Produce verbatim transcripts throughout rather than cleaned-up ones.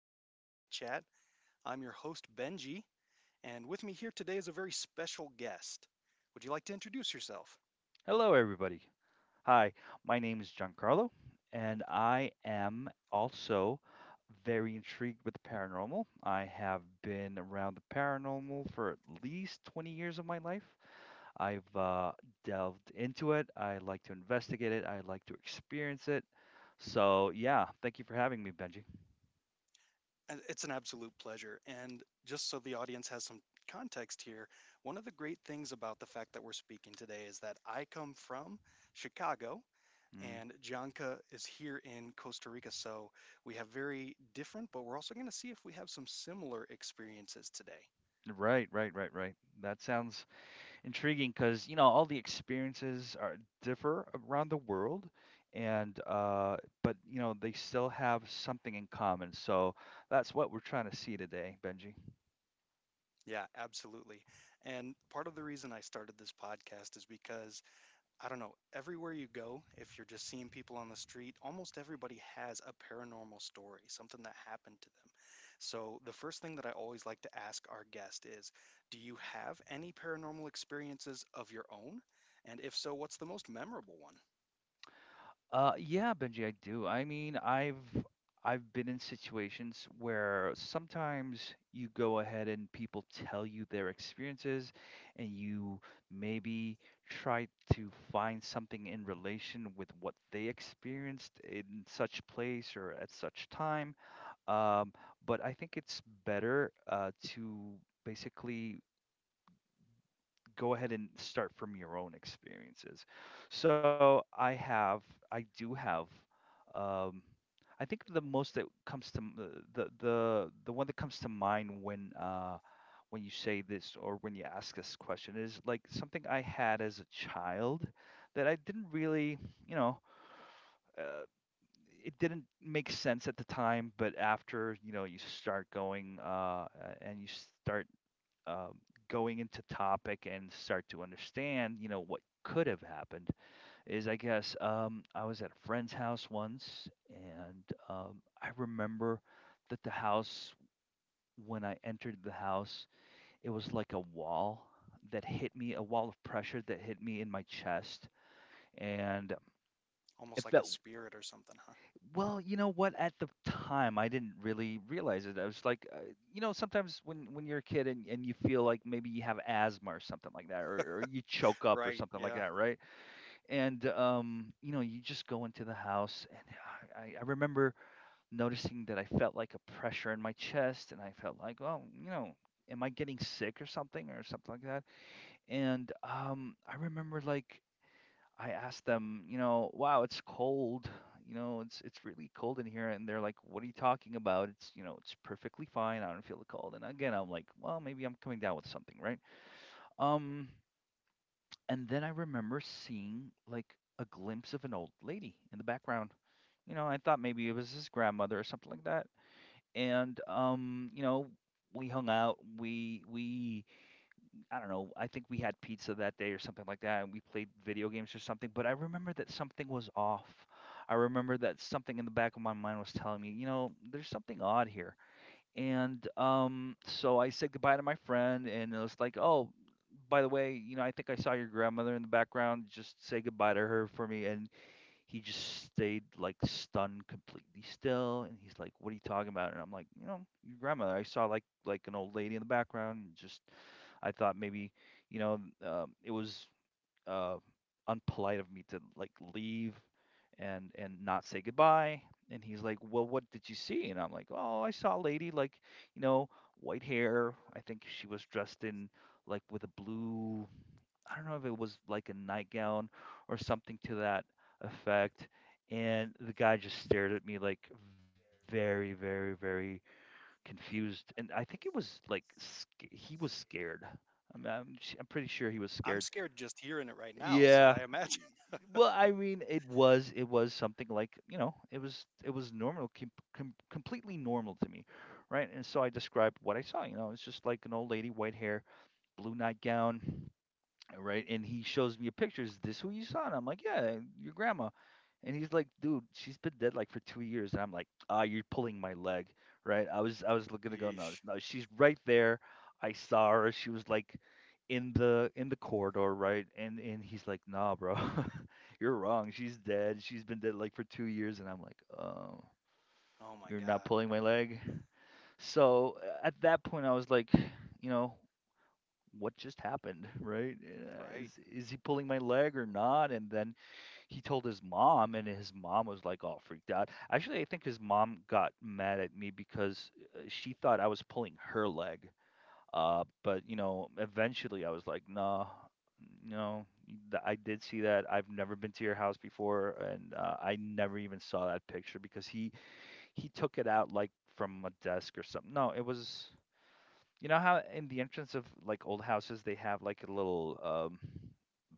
Paranormal Chit Chat. I'm your host, Benji, and with me here today is a very special guest. Would you like to introduce yourself? Hello, everybody. Hi, my name is Giancarlo, and I am also very intrigued with the paranormal. I have been around the paranormal for at least twenty years of my life. I've uh, delved into it. I like to investigate it. I like to experience it. So, yeah, thank you for having me, Benji. Uh, It's an absolute pleasure. And just so the audience has some context here, one of the great things about the fact that we're speaking today is that I come from Chicago Mm, and Janka is here in Costa Rica. So we have very different, but we're also going to see if we have some similar experiences today. right, right, right, right. That sounds intriguing because you know all the experiences are differ around the world and uh but you know they still have something in common, so that's what we're trying to see today, Benji. Yeah, absolutely. And part of the reason I started this podcast is because, I don't know, everywhere you go, if you're just seeing people on the street, almost everybody has a paranormal story, something that happened to them. So the first thing that I always like to ask our guest is, do you have any paranormal experiences of your own? And if so, what's the most memorable one? Uh yeah, Benji, I do. I mean, i've I've been in situations where sometimes you go ahead and people tell you their experiences, and you maybe try to find something in relation with what they experienced in such place or at such time. Um, but I think it's better uh, to basically go ahead and start from your own experiences. So I have, I do have, um, I think the most that comes to m- the the the, the one that comes to mind when uh, when you say this or when you ask this question is like something I had as a child that I didn't really, you know. uh, it didn't make sense at the time, but after you know you start going uh, and you start um, going into topic and start to understand, you know, what could have happened is, I guess, um, I was at a friend's house once, and um, I remember that the house when I entered the house, it was like a wall that hit me, a wall of pressure that hit me in my chest, and Almost it like a felt— spirit or something, huh? Well, you know what? At the time, I didn't really realize it. I was like, uh, you know, sometimes when when you're a kid and, and you feel like maybe you have asthma or something like that, or, or you choke up or Right, something like yeah. that, right? And um, you know, you just go into the house, and I, I remember noticing that I felt like a pressure in my chest, and I felt like, well, you know, am I getting sick or something or something like that? And um, I remember like I asked them, you know, wow, it's cold. You know, it's it's really cold in here, and they're like, "What are you talking about? It's— you know, it's perfectly fine. I don't feel the cold." And again, I'm like, "Well, maybe I'm coming down with something, right?" Um, and then I remember seeing like a glimpse of an old lady in the background. You know, I thought maybe it was his grandmother or something like that. And um, you know, we hung out. We we I don't know. I think we had pizza that day or something like that, and we played video games or something. But I remember that something was off. I remember that something in the back of my mind was telling me, you know, there's something odd here. And um, so I said goodbye to my friend, and it was like, oh, by the way, you know, I think I saw your grandmother in the background. Just say goodbye to her for me. And he just stayed like stunned, completely still. And he's like, what are you talking about? And I'm like, you know, your grandmother. I saw like— like an old lady in the background, just— I thought maybe, you know, um, it was uh, unpolite of me to like leave and and not say goodbye. And he's like, "Well, what did you see?" And I'm like, "Oh, I saw a lady like, you know, white hair. I think she was dressed in like with a blue. I don't know if it was like a nightgown or something to that effect." And the guy just stared at me like very, very, very confused, and I think it was like sc- he was scared. I'm, I'm sh- I'm pretty sure he was I'm scared. scared just hearing it right now, so Yeah. I e, imagine. Well, I mean, it was— it was something like you know, it was— it was normal, com- com- completely normal to me, right? And so I described what I saw. You know, it's just like an old lady, white hair, blue nightgown, right? And he shows me a picture. Is this who you saw? And I'm like, yeah, your grandma. And he's like, dude, she's been dead like for two years. And I'm like, ah, you're pulling my leg, right? I was, I was gonna go, no, Yeesh. no, she's right there. I saw her. She was like in the in the corridor, right? And and he's like, nah, bro, you're wrong. She's dead. She's been dead like for two years. And I'm like, oh, Oh my you're not God. pulling my leg. So uh, at that point, I was like, you know, what just happened right? Uh, Right. is is he pulling my leg or not? And then he told his mom, and his mom was like all freaked out. Actually, I think his mom got mad at me because uh, she thought I was pulling her leg. Uh but you know, eventually I was like, nah, no, th- I did see that. I've never been to your house before, and uh, I never even saw that picture because he he took it out like from a desk or something. No, it was— you know how in the entrance of like old houses, they have like a little um,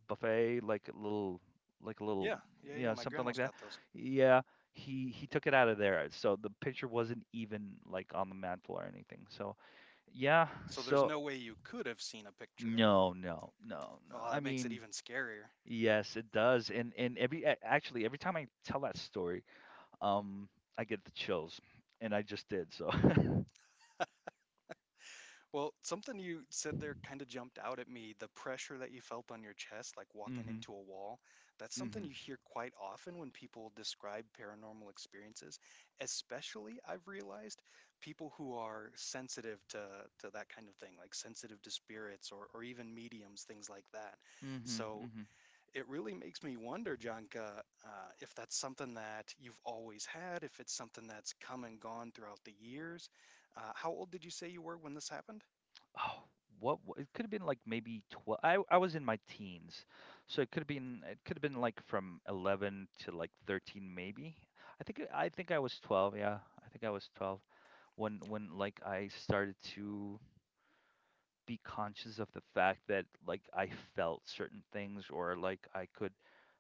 buffet, like a little, like a little, Yeah. Yeah. you Yeah. know, My something like grandma's that. got those. Yeah, he he took it out of there, so the picture wasn't even like on the mantle or anything. So yeah, So there's so no way you could have seen a picture of it. no, no, no, no. Oh, I that makes it mean, even scarier. yes, it does, and and every a- actually every time I tell that story, um, I get the chills, and I just did. So. Well, something you said there kind of jumped out at me, the pressure that you felt on your chest, like walking Mhm, into a wall. That's something mhm, you hear quite often when people describe paranormal experiences, especially I've realized people who are sensitive to to that kind of thing, like sensitive to spirits or or even mediums, things like that. mhm, So mhm. it really makes me wonder, Janka, uh, if that's something that you've always had, if it's something that's come and gone throughout the years. Uh, how old did you say you were when this happened? Oh, what wa it could have been like maybe twelve. I I was in my teens, so it could have been— it could have been like from eleven to like thirteen maybe. I think uh, I think I was twelve, yeah. I think I was twelve when when like I started to be conscious of the fact that like I felt certain things or like I could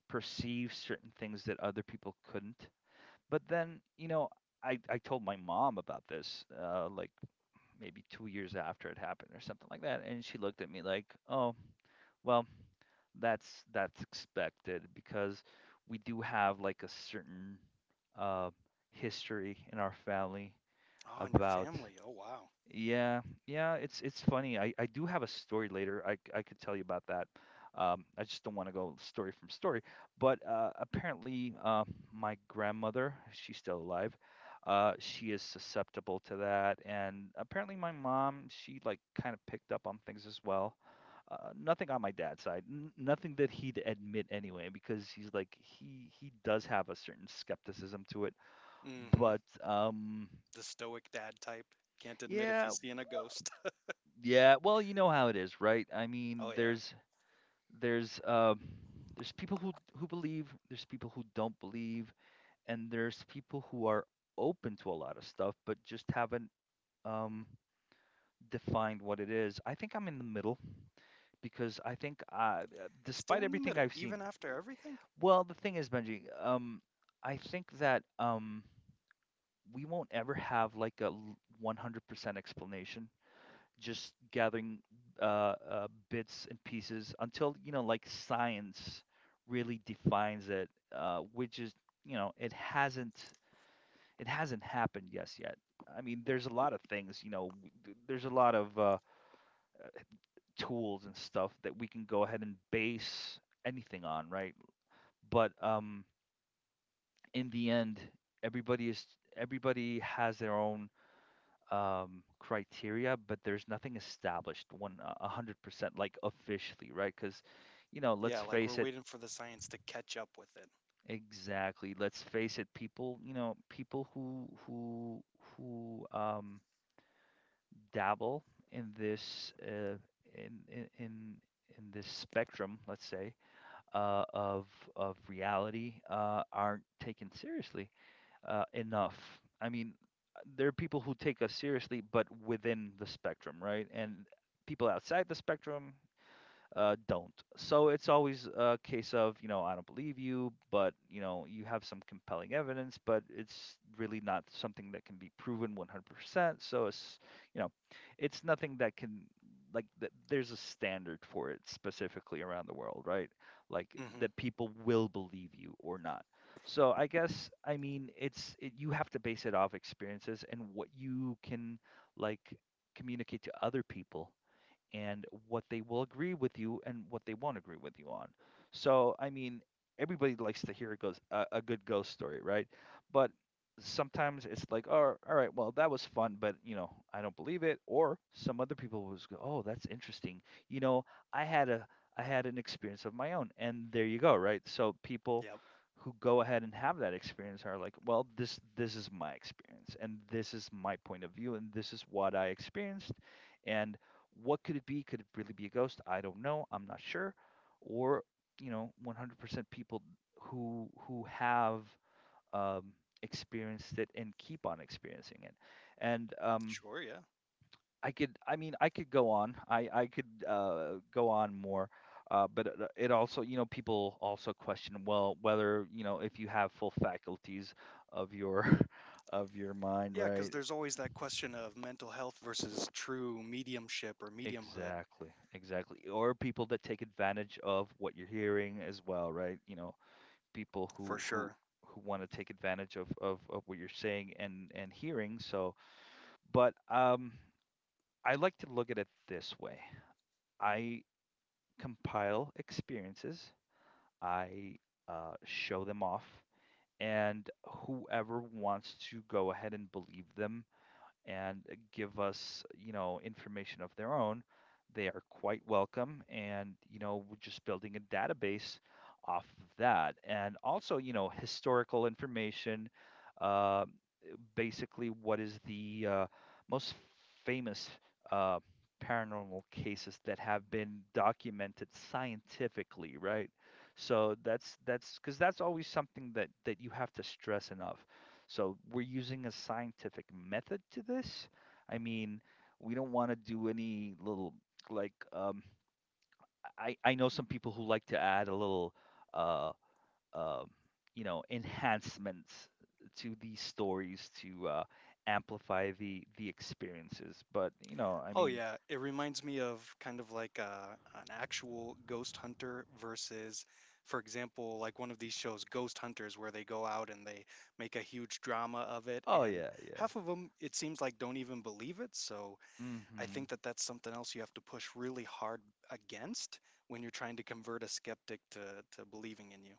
perceive certain things that other people couldn't. But then, you know, I I told my mom about this, uh, like maybe two years after it happened or something like that. And she looked at me like, oh, well, that's that's expected because we do have like a certain uh, history in our family Oh, and your about— family. Oh, wow. yeah, yeah, it's it's funny. I I do have a story later. I c- I could tell you about that. Um, I just don't want to go story from story. But uh, apparently, uh, my grandmother, she's still alive. Uh, she is susceptible to that, and apparently, my mom, she like kind of picked up on things as well. Uh, nothing on my dad's side, n- nothing that he'd admit anyway, because he's like he he does have a certain skepticism to it. mm hmm But um, The stoic dad type. Can't admit if yeah. he's seeing a Well, ghost. yeah, well, you know how it is, right? I mean, Oh, yeah. there's there's uh, there's people who who believe, there's people who don't believe, and there's people who are open to a lot of stuff, but just haven't um, defined what it is. I think I'm in the middle because I think, uh, despite Still in the everything middle, I've seen— even after everything? well, the thing is, Benji, um, I think that um, we won't ever have like a l- one hundred percent explanation, just gathering uh, uh, bits and pieces until you know, like science really defines it, uh, which is— you know, it hasn't it hasn't happened yes yet. I mean, there's a lot of things, you know. W- th- there's a lot of uh, tools and stuff that we can go ahead and base anything on, right? But um in the end, everybody is everybody has their own um criteria, but there's nothing established, one— uh, a hundred percent, like officially, right? Because you know, let's Yeah, like we're face it— waiting for the science to catch up with exactly, let's face it, people, you know, people who who who um dabble in this uh in in in in this spectrum, let's say, uh of of reality, uh aren't taken seriously uh, enough. I mean, there are people who take us seriously, but within the spectrum, right? And people outside the spectrum, uh, don't. So it's always a case of, you know, I don't believe you, but, you know, you have some compelling evidence, but it's really not something that can be proven one hundred percent. So it's, you know, it's nothing that can, like, th- there's a standard for it specifically around the world, right? Like, it. Mm hmm that people will believe you or not. So I guess, I mean, it's, it, you have to base it off experiences and what you can, like, communicate to other people and what they will agree with you and what they won't agree with you on. So, I mean, everybody likes to hear a, ghost, a, a good ghost story, right? But sometimes it's like, oh, all right, well, that was fun, but, you know, I don't believe it. Or some other people was, go, oh, that's interesting. You know, I had a, I had an experience of my own, and there you go, right? So people Yep. who go ahead and have that experience are like, well, this this is my experience, and this is my point of view, and this is what I experienced, and what could it be? Could it really be a ghost? I don't know. I'm not sure. Or, you know, one hundred percent people who who have um, experienced it and keep on experiencing it. And um, Sure, yeah. I could, I mean, I could go on. I I could uh, go on more. Uh, but it it also, you know, people also question, well, whether you know if you have full faculties of your of your mind, Yeah, right? because there's always that question of mental health versus true mediumship or mediumhood. Exactly, exactly. Or people that take advantage of what you're hearing as well, right? You know, people For who who sure. who want to take advantage of, of of what you're saying and and hearing. So, but um, I like to look at it this way. I compile experiences. I uh, show them off, and whoever wants to go ahead and believe them and give us, you know, information of their own, they are quite welcome. And, you know, we're just building a database off of that. And also, you know, historical information. Um, Basically, what is the uh, most famous uh, paranormal cases that have been documented scientifically, right? So that's that's because that's always something that that you have to stress enough. So we're using a scientific method to this. I mean, we don't want to do any little like um, I I know some people who like to add a little. Uh, um, you know enhancements to these stories to uh, amplify the the experiences. But you know, I Oh mean. yeah, it reminds me of kind of like uh an actual ghost hunter versus, for example, like one of these shows, Ghost Hunters, where they go out and they make a huge drama of it, Oh and yeah, yeah. half of them it seems like don't even believe it. So I Mm-hmm. think that that's something else you have to push really hard against when you're trying to convert a skeptic to to believing in you.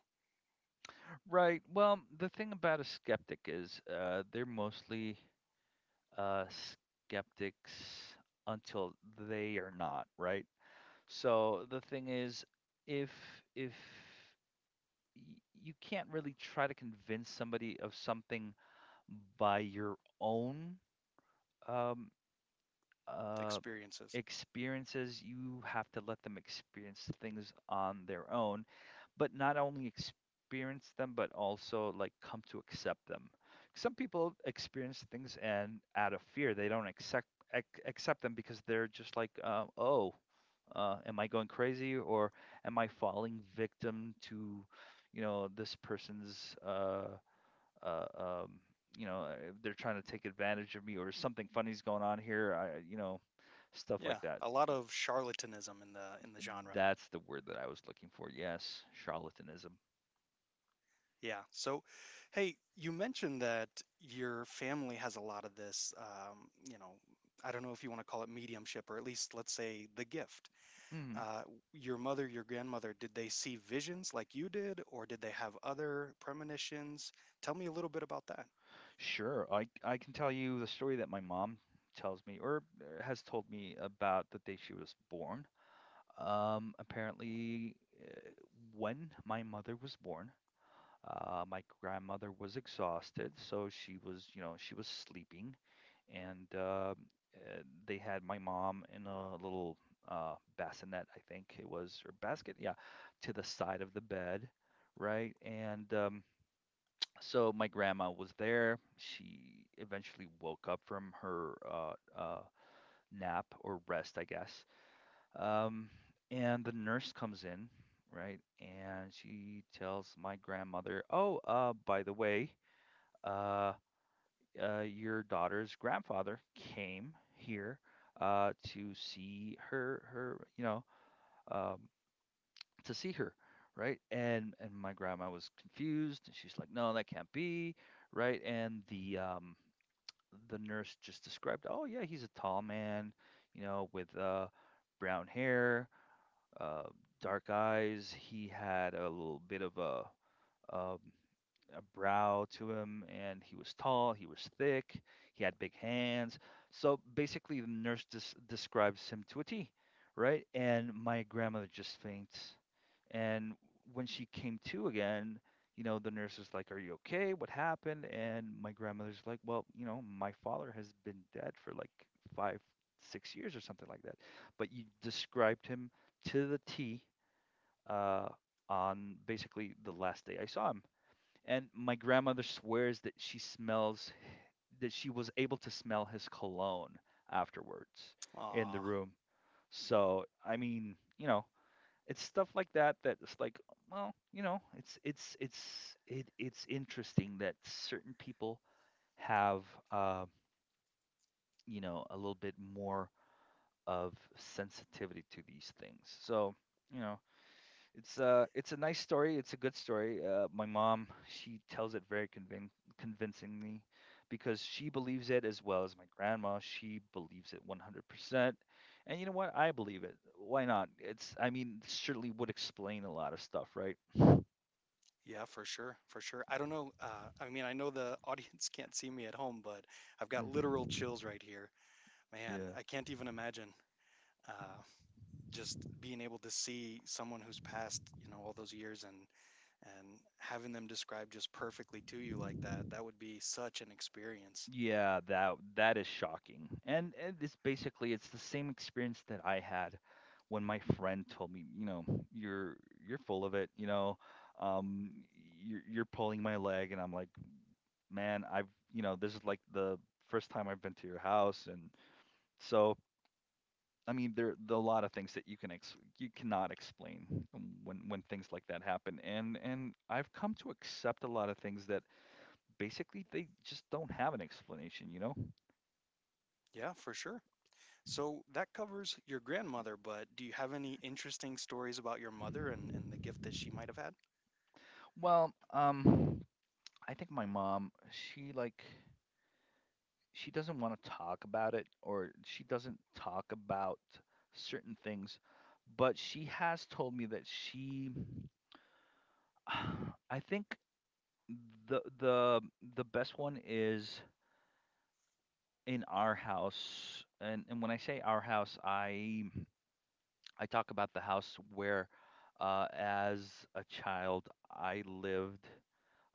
Right. Well, the thing about a skeptic is uh, they're mostly uh, skeptics until they are not, right? So the thing is, if if y- you can't really try to convince somebody of something by your own um, uh, Experiences. experiences, you have to let them experience things on their own, but not only experience them, but also like come to accept them. Some people experience things and out of fear, they don't accept ac- accept them because they're just like, uh, oh, uh, am I going crazy, or am I falling victim to, you know, this person's uh, uh, um, you know, uh, they're trying to take advantage of me, or something funny's going on here. I, you know, stuff Yeah, like that. a lot of charlatanism in the in the genre. That's the word that I was looking for. Yes, charlatanism. Yeah. So, hey, you mentioned that your family has a lot of this, um, you know, I don't know if you want to call it mediumship or at least let's say the gift. Hmm. Uh, your mother, your grandmother, did they see visions like you did, or did they have other premonitions? Tell me a little bit about that. Sure. I, I can tell you the story that my mom tells me, or uh, has told me about the day she was born. Um, apparently, uh, when my mother was born, uh, my grandmother was exhausted, so she was, you know, she was sleeping, and uh, uh, they had my mom in a little uh, bassinet, I think it was, or basket, yeah, to the side of the bed, right? And um, so my grandma was there. She eventually woke up from her uh, uh, nap or rest, I guess. Um, and the nurse comes in, right? And she tells my grandmother, "Oh, uh, by the way, uh, uh, your daughter's grandfather came here uh, to see her, her, you know, um, to see her," right? And and my grandma was confused. And she's like, "No, that can't be," right? And the um, the nurse just described, "Oh yeah, he's a tall man, you know, with uh, brown hair, uh, dark eyes. He had a little bit of a Um, a brow to him, and he was tall, he was thick, he had big hands." So basically, the nurse des- describes him to a T, right? And my grandmother just faints. And when she came to again, you know, the nurse is like, "Are you okay? What happened?" And my grandmother's like, "Well, you know, my father has been dead for like five, six years or something like that. But you described him to the T uh, on basically the last day I saw him." And my grandmother swears that she smells, that she was able to smell his cologne afterwards in the Ah, room. So, I mean, you know, it's stuff like that that's like, well, you know, it's it's it's it, it's interesting that certain people have uh, you know, a little bit more of sensitivity to these things. So, you know, It's uh it's a nice story. It's a good story. Uh, my mom, she tells it very convin convincingly because she believes it, as well as my grandma. She believes it one hundred percent. And you know what? I believe it. Why not? It's, I mean, it certainly would explain a lot of stuff, right? yeah, for sure, for sure. I don't know. Uh, I mean, I know the audience can't see me at home, but I've got Mm. literal chills right here. Man, Yeah. I can't even imagine. Uh, just being able to see someone who's passed, you know, all those years and and having them described just perfectly to you like that, that would be such an experience. Yeah, that that is shocking. And, and it's basically it's the same experience that I had when my friend told me, you know, you're you're full of it, you know, um, you're you're pulling my leg, and I'm like, man, I've you know, this is like the first time I've been to your house, and so, I mean, there there are a lot of things that you can ex you cannot explain when when things like that happen, and and I've come to accept a lot of things that basically they just don't have an explanation, you know? Yeah, for sure. So that covers your grandmother, but do you have any interesting stories about your mother and, and the gift that she might have had? Well, um, I think my mom, she like she doesn't want to talk about it, or she doesn't talk about certain things, but she has told me that she I think the the the best one is in our house. And and when I say our house, I I talk about the house where uh as a child I lived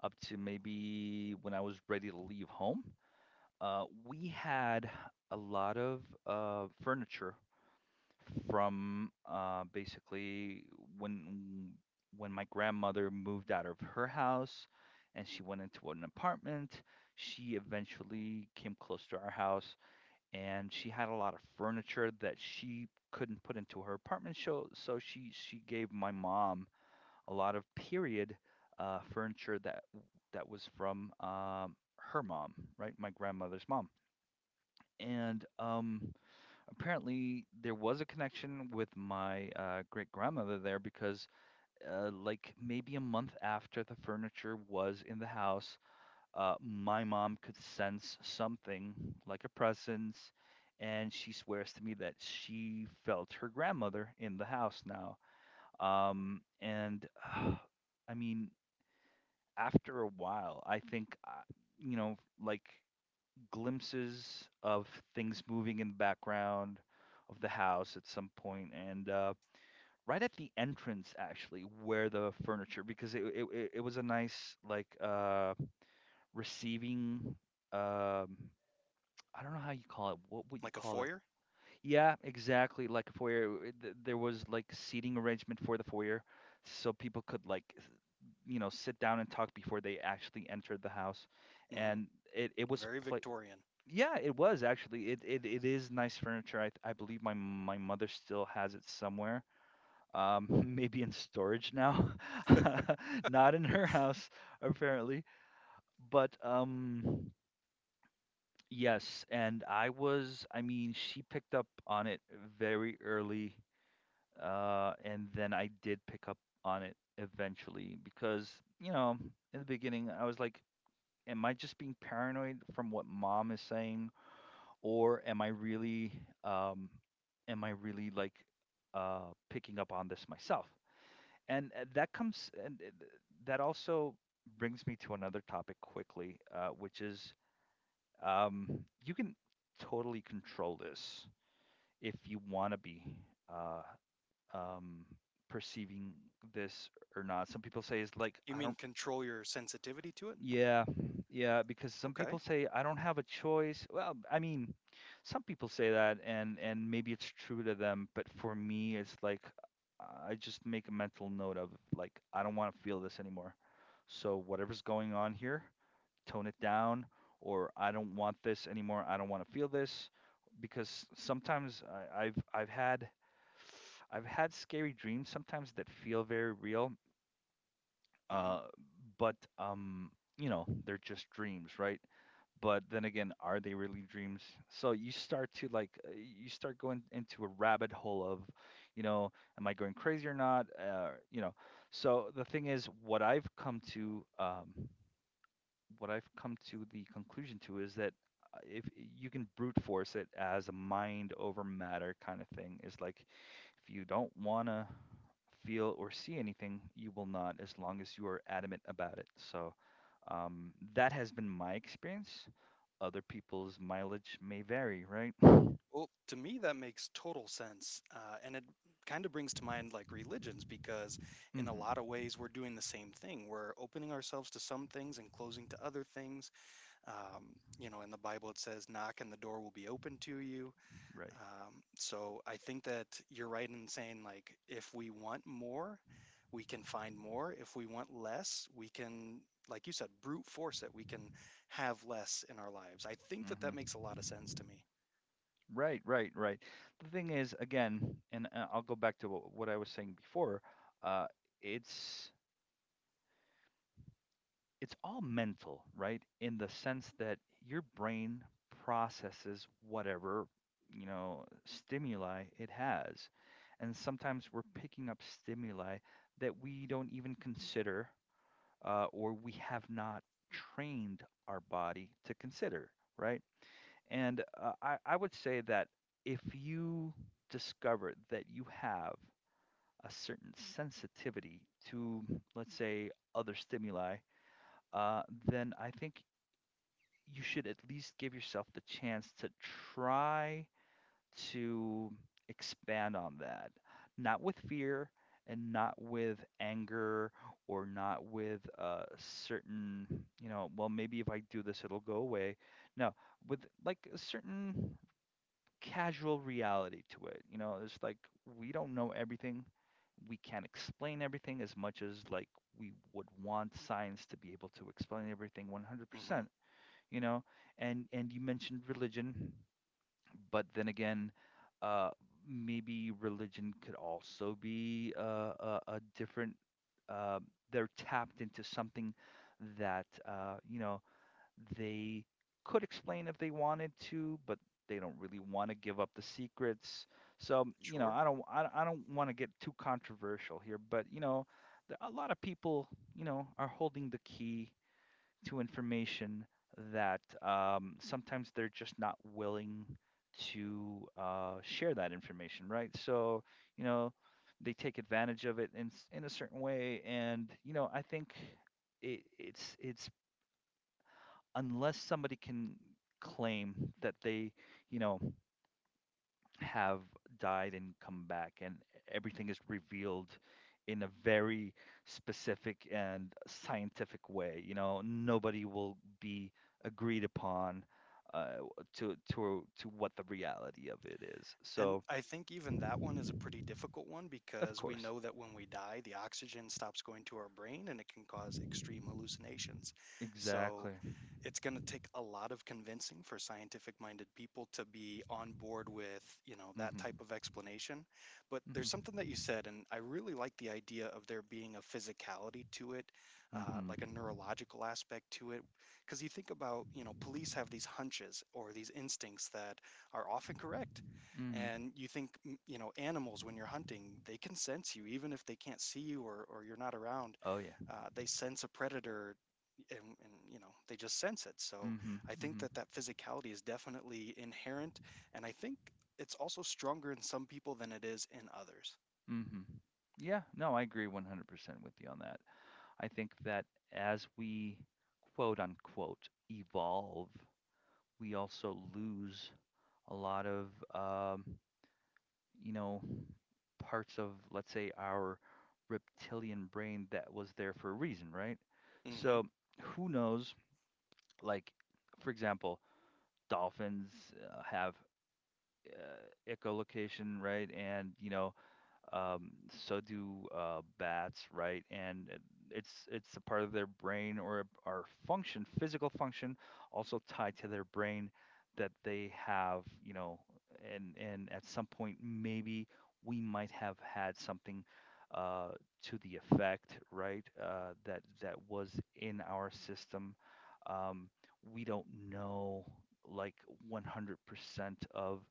up to maybe when I was ready to leave home. Uh, we had a lot of uh, furniture from uh, basically when when my grandmother moved out of her house and she went into an apartment. She eventually came close to our house, and she had a lot of furniture that she couldn't put into her apartment. So so she she gave my mom a lot of period uh, furniture that that was from um, her mom, right? My grandmother's mom. And um, Apparently, there was a connection with my uh, great grandmother there because, uh, like, maybe a month after the furniture was in the house, uh, my mom could sense something like a presence, and she swears to me that she felt her grandmother in the house now. Um, and I mean, after a while, I think, uh, you know, like, glimpses of things moving in the background of the house at some point, and uh, right at the entrance, actually, where the furniture, because it it, it it was a nice like uh, receiving, um, I don't know how you call it, what would you Like a call that? foyer? Yeah, exactly, like a foyer. It- th- there was like seating arrangement for the foyer, so people could like s- you know sit down and talk before they actually entered the house. Hmm. And it, it was Very pla Victorian. yeah, it was actually. It it, it is nice furniture. I I believe my my mother still has it somewhere. Um, maybe in storage now. Not in her house, apparently. But um yes, and I was I mean, she picked up on it very early, uh and then I did pick up on it eventually because, you know, in the beginning I was like, am I just being paranoid from what mom is saying, or am I really um, am I really like uh, picking up on this myself? And uh, that comes. And uh, th- that also brings me to another topic quickly, uh, which is, um, you can totally control this if you want to be uh, um, perceiving this or not. Some people say is like, You I mean don't— control your sensitivity to it? Yeah, yeah, because some Okay. people say I don't have a choice. Well, I mean, some people say that, and and maybe it's true to them, but for me it's like I just make a mental note of, like, I don't want to feel this anymore. So whatever's going on here, tone it down, or I don't want this anymore. I don't want to feel this because sometimes I, I've I've had I've had scary dreams sometimes that feel very real. Mm-hmm. Uh, but um you know, they're just dreams, right? But then again, are they really dreams? So you start to like uh, you start going into a rabbit hole of you know am I going crazy or not uh, you know So the thing is, what i've come to um, what I've come to the conclusion to is that uh, if you can brute force it as a mind over matter kind of thing, is like if you don't want to feel or see anything, you will not, as long as you are adamant about it. So um, that has been my experience. Other people's mileage may vary, right? Well, to me, that makes total sense. Uh, and it kind of brings to mind like religions, because in a Hmm. lot of ways, we're doing the same thing. We're opening ourselves to some things and closing to other things. Um, you know, in the Bible, it says, knock and the door will be open to you. Right. Um, so I think that you're right in saying, like, if we want more, we can find more. If we want less, we can. Like you said, brute force it. We can have less in our lives. I think that that makes Hmm. a lot of sense to me. Right, right, right. The thing is, again, and uh, I'll go back to wh- what I was saying before. Uh, it's it's all mental, right? In the sense that your brain processes whatever, you know, stimuli it has. And sometimes we're picking up stimuli that we don't even consider, uh, or we have not trained our body to consider, right? And uh, I, I would say that if you discover that you have a certain sensitivity to, let's say, other stimuli, uh, then I think you should at least give yourself the chance to try to expand on that, not with fear and not with anger or not with a certain, you know, well, maybe if I do this, it'll go away. No, with like a certain casual reality to it. You know, it's like we don't know everything. We can't explain everything as much as like we would want science to be able to explain everything Mm-hmm. one hundred percent you know and and you mentioned religion, but then again, uh maybe religion could also be, uh, a, a different, uh, they're tapped into something that, uh, you know they could explain if they wanted to, but they don't really want to give up the secrets. so you know Sure. i don't i, don't- I don't want to get too controversial here, but you know there- a lot of people, you know are holding the key to information that, um, sometimes they're just not willing to uh, share that information, right? So, you know, they take advantage of it in, s- in a certain way. And, you know, I think it, it's, it's unless somebody can claim that they, you know, have died and come back, and everything is revealed in a very specific and scientific way. You know, nobody will be agreed upon, uh, to to to what the reality of it is. And So, I think even that one is a pretty difficult one of because we course, know that when we die, the oxygen stops going to our brain and it can cause extreme hallucinations. So exactly. it's going to take a lot of convincing for scientific minded people to be on board with, you know, that Mhm. type of explanation. But there's Mhm. something that you said, and I really like the idea of there being a physicality to it, uh, Mhm. like a neurological aspect to it. Because you think about, you know, police have these hunches or these instincts that are often correct Mhm. and you think, m- you know, animals, when you're hunting, they can sense you, even if they can't see you or, or you're not around. Oh yeah. Uh, they sense a predator and, and, you know, they just sense it. So Mhm. I think Mhm. that that physicality is definitely inherent. And I think it's also stronger in some people than it is in others. Mhm. Yeah. No, I agree one hundred percent with you on that. I think that as we quote unquote evolve, we also lose a lot of, um, you know, parts of, let's say, our reptilian brain that was there for a reason, right? Hmm. So who knows? Like, for example, dolphins, uh, have, uh, echolocation, right? And, you know, um, so do, uh, bats, right? And uh, it's it's a part of their brain or our function, physical function, also tied to their brain that they have, you know, and and at some point maybe we might have had something, uh, to the effect, right? Uh, that that was in our system. Um, we don't know like one hundred percent of,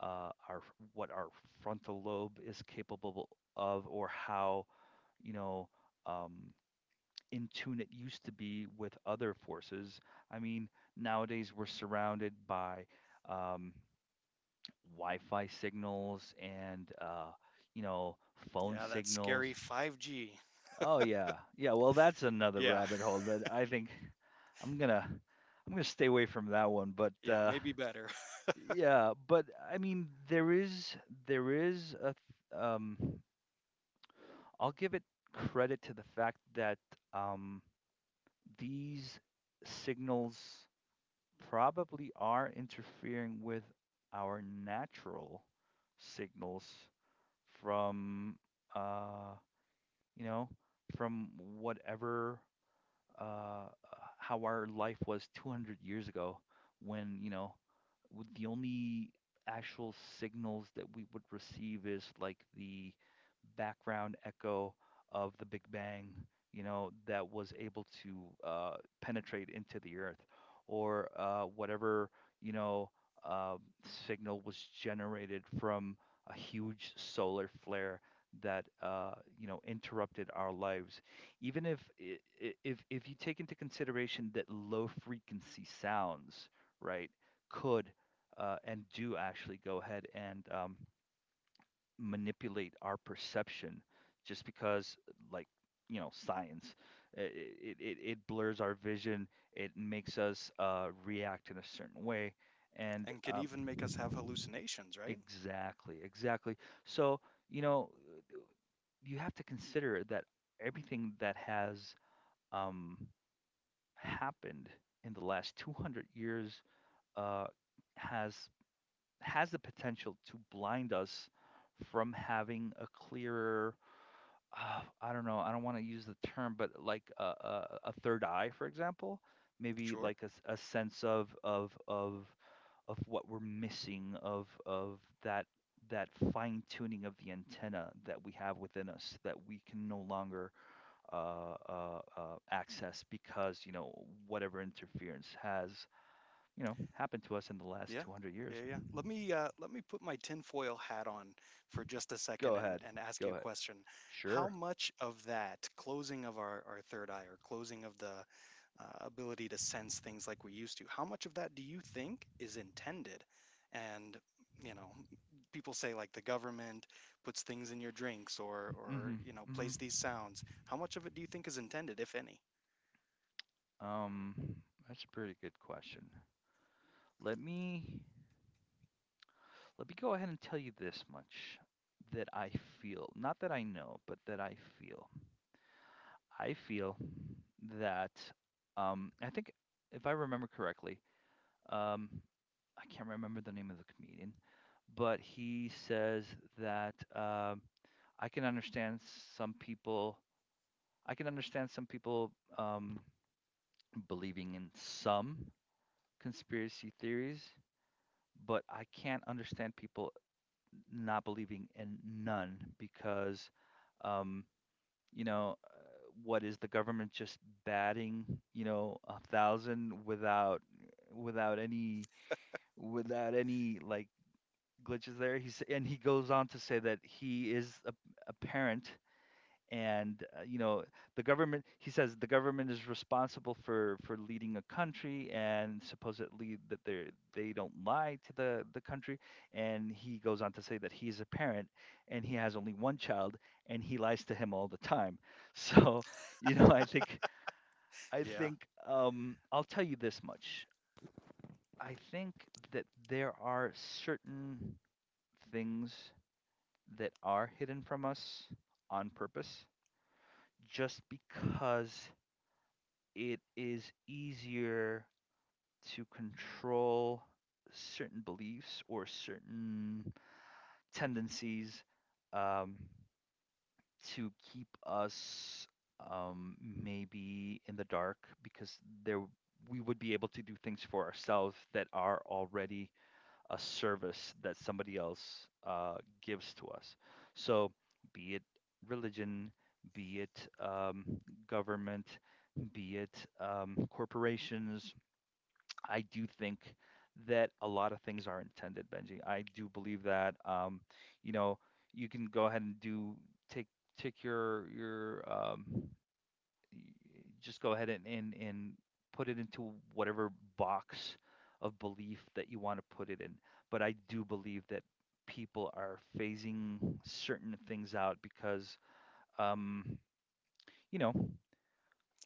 uh, our what our frontal lobe is capable of, or how, you know um, in tune it used to be with other forces. I mean, nowadays we're surrounded by, um, Wi-Fi signals and, uh, you know phone Yeah, that scary signals. five G. Oh yeah, yeah. Well, that's another Yeah. rabbit hole that I think I'm gonna I'm gonna stay away from that one. But Yeah, uh, maybe better. Yeah, but I mean, there is there is a th- um, I'll give it credit to the fact that, um, these signals probably are interfering with our natural signals from uh, you know, from whatever, uh, how our life was two hundred years ago when, you know, would- the only actual signals that we would receive is like the background echo of the Big Bang, you know, that was able to, uh, penetrate into the Earth, or, uh, whatever, you know, um signal was generated from a huge solar flare that, uh, you know interrupted our lives. Even if I- I- if if you take into consideration that low frequency sounds, right? Could, uh, and do actually go ahead and, um, manipulate our perception just because, like, you know science, it, it, it it blurs our vision, it makes us, uh, react in a certain way, and, And can um, even make us have hallucinations, right? exactly, exactly. So, you know you have to consider that everything that has, um, happened in the last two hundred years, uh, has has the potential to blind us from having a clearer, uh, I don't know, I don't want to use the term, but like a, a, a third eye, for example. Maybe Sure. like a, s- a sense of of of of what we're missing, of of that that fine tuning of the antenna that we have within us that we can no longer, uh, uh, uh, access because, you know whatever interference has, you know happened to us in the last Yeah, two hundred yeah, years. yeah. Let me uh, let me put my tinfoil hat on for just a second Go and, ahead, and ask you go a ahead. question. How Sure. much of that closing of our, our third eye or closing of the uh, ability to sense things like we used to, how much of that do you think is intended? And you know, people say like the government puts things in your drinks or or Hmm. you know Hmm. plays these sounds. How much of it do you think is intended, if any? Um, that's a pretty good question. Let me let me go ahead and tell you this much that I feel, not that I know, but that I feel. I feel that, um, I think, if I remember correctly, um, I can't remember the name of the comedian, but he says that, um, I can understand some people. I can understand some people, um, believing in some conspiracy theories, but I can't understand people not believing in none, because, um, you know, uh, what is the government just batting, you know, a thousand, without, without any without any like, glitches there? He's and he goes on to say that he is, a, a parent, and, uh, you know the government, he says the government is responsible for for leading a country, and supposedly that they they don't lie to the the country. And he goes on to say that he's a parent, and he has only one child, and he lies to him all the time. So you know i think i Yeah, think um i'll tell you this much. I think that there are certain things that are hidden from us on purpose, just because it is easier to control certain beliefs or certain tendencies, um, to keep us, um, maybe in the dark, because there we would be able to do things for ourselves that are already a service that somebody else, uh, gives to us. So, be it religion, be it, um, government, be it, um, corporations, I do think that a lot of things are intended, Benji. I do believe that. Um, you know, you can go ahead and do take take your your um, y- just go ahead and, and and put it into whatever box of belief that you want to put it in. But I do believe that people are phasing certain things out, because um, you know.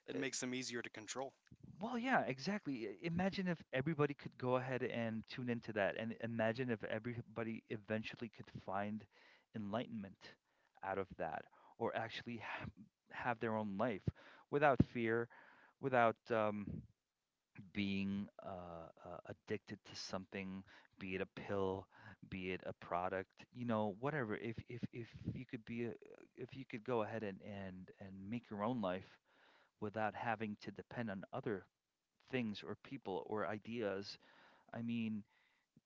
it eh, makes them easier to control. Well, yeah, exactly. I- Imagine if everybody could go ahead and tune into that, and imagine if everybody eventually could find enlightenment out of that, or actually ha- have their own life without fear, without, um, being, uh, uh, addicted to something, be it a pill, be it a product, you know, whatever. If if if you could be, a, if you could go ahead and and and make your own life without having to depend on other things or people or ideas, I mean,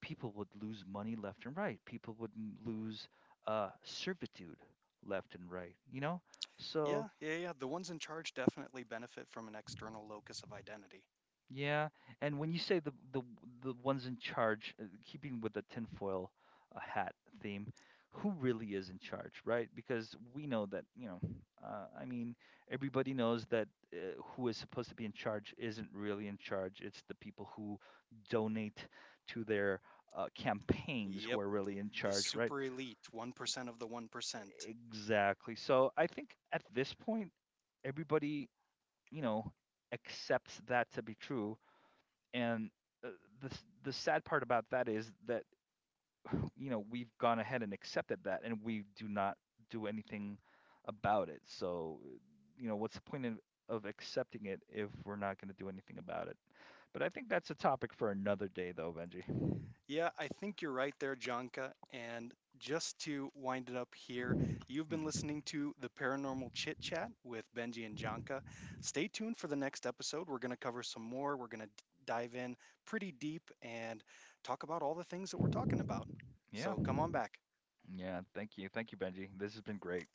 people would lose money left and right. People would m- lose, uh, servitude left and right, you know? So. Yeah, yeah, yeah. The ones in charge definitely benefit from an external locus of identity. Yeah, and when you say the, the the ones in charge, uh, keeping with the tinfoil, uh, hat theme, who really is in charge, right? Because we know that, you know, uh, I mean, everybody knows that, uh, who is supposed to be in charge isn't really in charge. It's the people who donate to their, uh, campaigns who Yep, are really in the charge, right? super elite one percent of the one percent. Exactly. So I think at this point, everybody, you know, accepts that to be true, and uh, the s- the sad part about that is that, you know we've gone ahead and accepted that, and we do not do anything about it. So uh, you know what's the point of, of accepting it if we're not going to do anything about it? But I think that's a topic for another day, though, Benji. Yeah, I think you're right there, Janka. And just to wind it up here, you've been Hmm. listening to the Paranormal Chit Chat with Benji and Janka. Stay tuned for the next episode. We're going to cover some more. We're going to dive in pretty deep and talk about all the things that we're talking about. Yeah, So come on back. yeah. Thank you, thank you, Benji. This has been great.